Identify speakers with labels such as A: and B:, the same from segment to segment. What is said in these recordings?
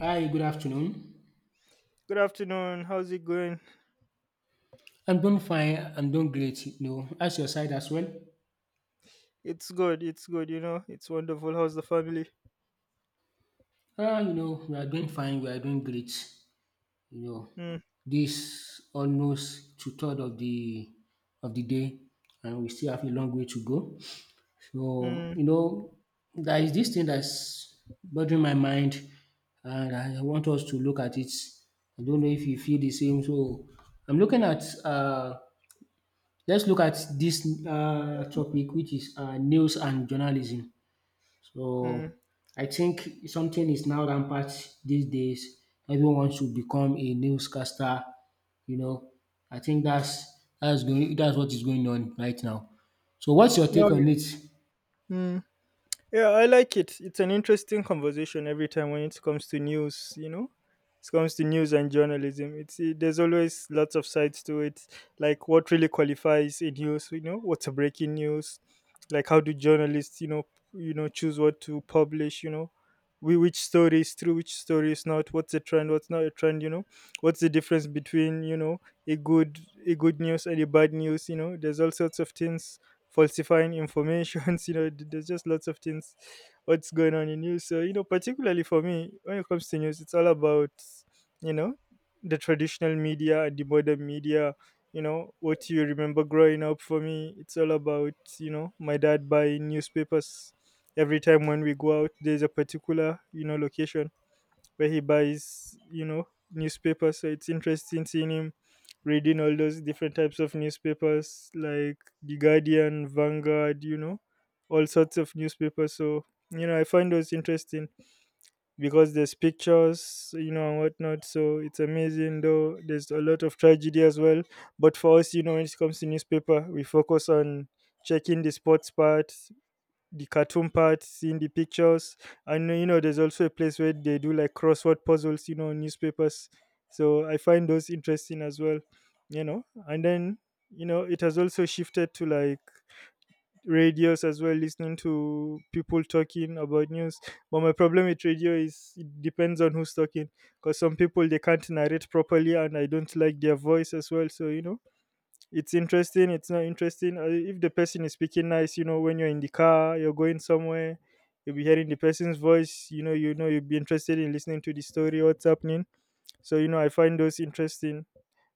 A: Hi, good afternoon.
B: Good afternoon. How's it going?
A: I'm doing fine. I'm doing great. You know, as your side as well.
B: It's good. It's good. You know, it's wonderful. How's the family?
A: Ah, you know, we are doing fine. We are doing great. You know,
B: Mm,
A: this almost two third of the day, and we still have a long way to go. So,
B: mm,
A: you know, there is this thing that's bothering my mind, and I want us to look at it. I don't know if you feel the same. So, I'm looking at Let's look at this topic, which is news and journalism. So,
B: mm.
A: I think something is now rampant these days. Everyone should become a newscaster. You know, I think that's what is going on right now. So, what's your take
B: Oh,
A: on it?
B: yeah. Yeah, I like it. It's an interesting conversation every time when it comes to news, you know? It comes to news and journalism. It's there's always lots of sides to it, like what really qualifies a news, you know, what's a breaking news, like how do journalists, choose what to publish, we which story is true, which story is not, what's a trend, what's not a trend, you know, what's the difference between, you know, a good a good news and a bad news, you know. There's all sorts of things falsifying informations. You know, there's just lots of things what's going on in news. So you know, particularly for me, when it comes to news, it's all about you know the traditional media and the modern media. You know what you remember growing up. For me, it's all about you know my dad buying newspapers every time when we go out. There's a particular you know location where he buys, you know, newspapers. So it's interesting seeing him reading all those different types of newspapers like The Guardian, Vanguard, you know, all sorts of newspapers. So, you know, I find those interesting because there's pictures, you know, and whatnot. So it's amazing, though. There's a lot of tragedy as well. But for us, you know, when it comes to newspaper, we focus on checking the sports part, the cartoon parts, seeing the pictures. And you know, there's also a place where they do like crossword puzzles, you know, newspapers. So I find those interesting as well, you know. And then, you know, it has also shifted to like radios as well, listening to people talking about news. But my problem with radio is it depends on who's talking because some people they can't narrate properly and I don't like their voice as well. So, you know, it's interesting it's not interesting if the person is speaking nice, you know, when you're in the car, you're going somewhere, you'll be hearing the person's voice, you know, you know, you'll be interested in listening to the story, what's happening. So you know, I find those interesting.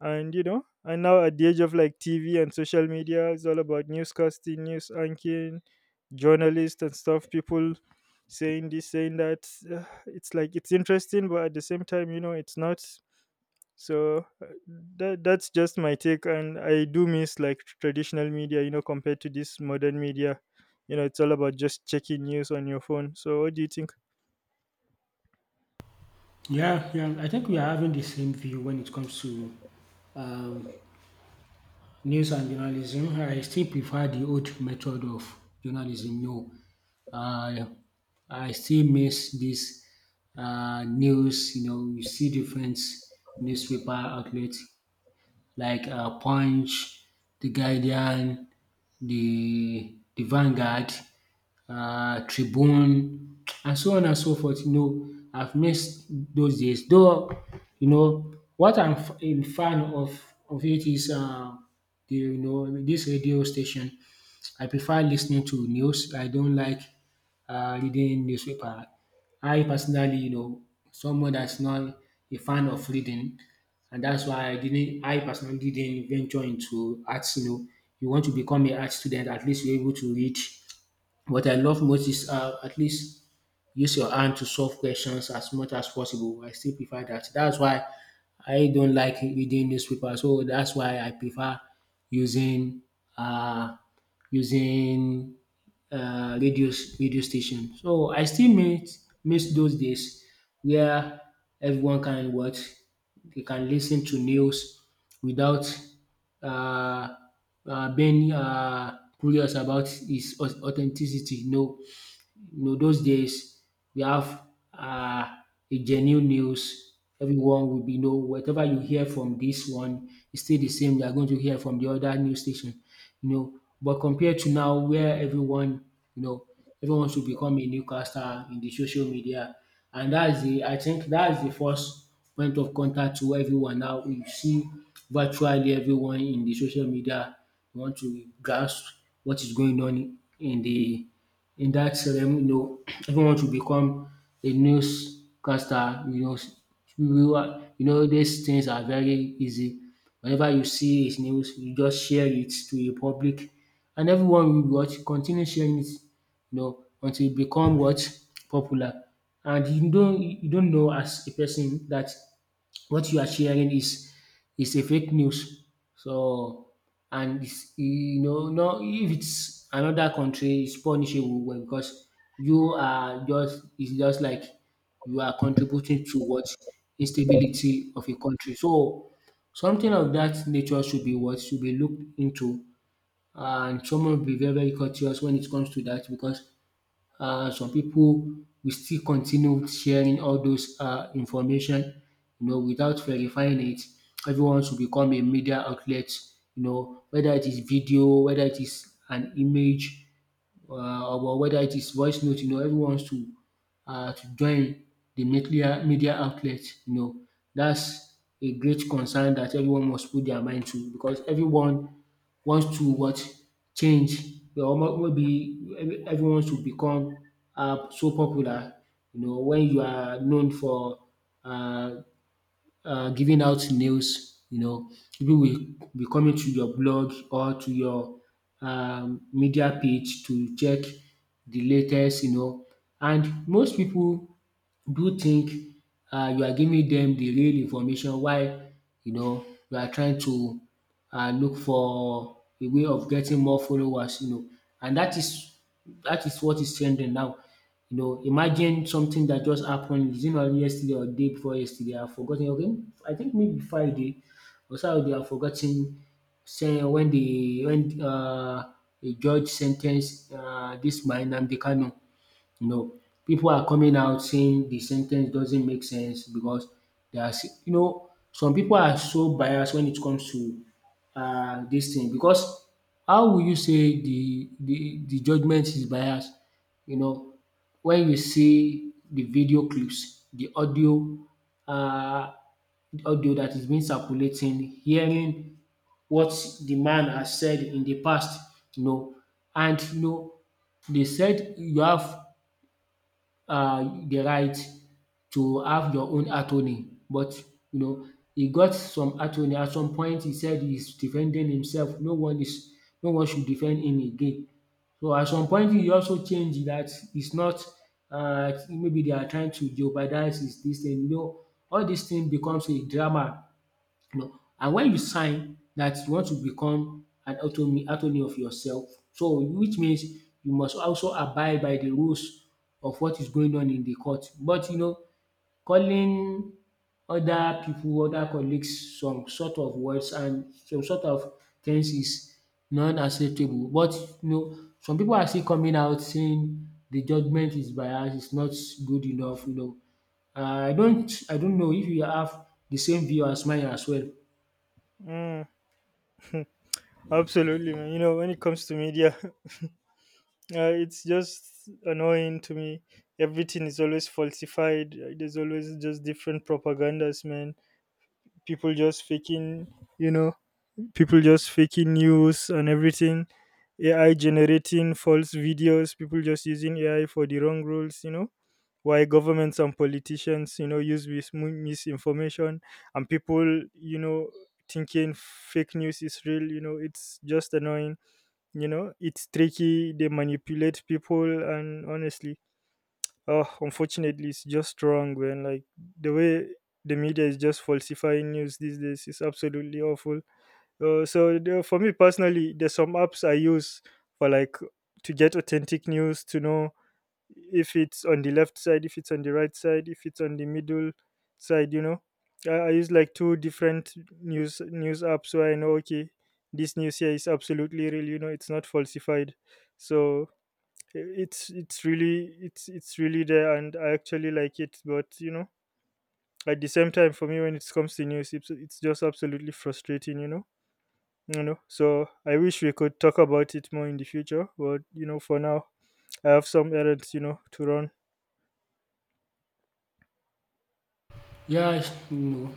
B: And you know, and now at the age of like TV and social media, it's all about newscasting, news anchoring, journalists and stuff, people saying this, saying that. It's like it's interesting, but at the same time, you know, it's not. So that's just my take, and I do miss like traditional media, you know, compared to this modern media. You know, it's all about just checking news on your phone. So what do you think?
A: Yeah, yeah. I think we are having the same view when it comes to um, news and journalism. I still prefer the old method of journalism. No, uh, I still miss this news. You know, you see different newspaper outlets like Punch, The Guardian, the Vanguard, Tribune, and so on and so forth. You know, I've missed those days. Though, you know, what I'm a fan of it is the, you know, this radio station. I prefer listening to news. I don't like reading newspaper. I personally, you know, someone that's not a fan of reading, and that's why I didn't. I personally didn't venture into arts. You know, you want to become an art student, at least you're able to read. What I love most is, at least use your hand to solve questions as much as possible. I still prefer that. That's why I don't like reading newspaper. So that's why I prefer using uh, using radio, radio station. So I still miss those days where everyone can watch, they can listen to news without uh, being curious about its authenticity. No, you know, those days we have uh, a genuine news. Everyone will be know whatever you hear from this one is still the same. You are going to hear from the other news station, you know. But compared to now, where everyone, you know, everyone should become a newscaster in the social media, and that's the I think that's the first point of contact to everyone now. You see virtually everyone in the social media, want to grasp what is going on in the, in that ceremony, you know, everyone should become a newscaster, you know, you are, you know, these things are very easy. Whenever you see a news, you just share it to the public and everyone will watch, continue sharing it, you know, until it become what? Popular. And you don't know as a person that what you are sharing is a fake news. So, and it's, you know, no, if it's another country, it's punishable well, because you are just, it's just like you are contributing to what, instability of a country. So something of that nature should be what, should be looked into, and someone be very cautious when it comes to that, because some people will still continue sharing all those information, you know, without verifying it. Everyone should become a media outlet, you know, whether it is video, whether it is an image, or whether it is voice note. You know, everyone's to join the media outlet. You know, that's a great concern that everyone must put their mind to, because everyone wants to what, change. You know, maybe everyone wants to become so popular. You know, when you are known for uh, giving out news, you know, people will be coming to your blog or to your media page to check the latest, you know. And most people do think you are giving them the real information, while you know you are trying to look for a way of getting more followers, you know. And that is what is trending now. You know, imagine something that just happened, is it not yesterday or day before yesterday? I've forgotten. Okay, I think maybe Friday or Saturday, I've forgotten. Say when the when a judge sentenced this man Nnamdi Kanu, you know, people are coming out saying the sentence doesn't make sense, because they are you know, some people are so biased when it comes to dis thing. Because how will you say the judgement is biased? You know, when you see the video clips, the um audio that is being circulating, hearing what the man has said in the past, you know, and you know, they said you have the right to have your own attorney. But you know, he got some attorney, at some point he said he's defending himself, no one should defend him again. So at some point he also changed, that it's not, maybe they are trying to jeopardize his dis thing, you know, all dis thing becomes a drama, you know. And when you sign that you want to become an autonomy attorney of yourself, so which means you must also abide by the rules of what is going on in the court. But you know, calling other people, other colleagues, some sort of words and some sort of things is not acceptable. But you know, some people are still coming out saying the judgement is biased, it's not good enough, you know. I don't, I don't know if you have the same view as mine as well.
B: mm, Absolutely, man. You know, when it comes to media, it's just annoying to me. Everything is always falsified. There's always just different propagandas, man. People just faking, you know, people just faking news and everything. AI generating false videos, people just using AI for the wrong rules, you know, why governments and politicians, you know, use misinformation, and people, you know, thinking fake news is real, you know. It's just annoying. You know, it's tricky. They manipulate people, and honestly, oh, unfortunately, it's just wrong when like the way the media is just falsifying news these days is absolutely awful. So for me personally, there's some apps I use for like to get authentic news, to know if it's on the left side, if it's on the right side, if it's on the middle side. You know, I use like two different news apps where I know, okay, this news here is absolutely real. You know, it's not falsified. So it's really it's really there, and I actually like it. But you know, at the same time, for me, when it comes to news, it's just absolutely frustrating. You know, so I wish we could talk about it more in the future, but you know, for now, I have some errands, you know, to run.
A: Yeah, it's, you know,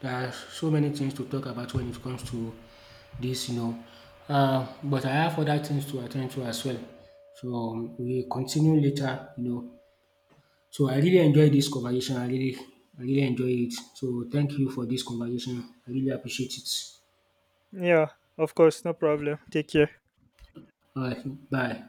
A: there are so many things to talk about when it comes to this, you know. But I have other things to attend to as well. So we continue later, you know. So I really enjoyed this conversation. I really enjoy it. So thank you for this conversation. I really appreciate it.
B: Yeah, of course, no problem. Take care.
A: All right, bye.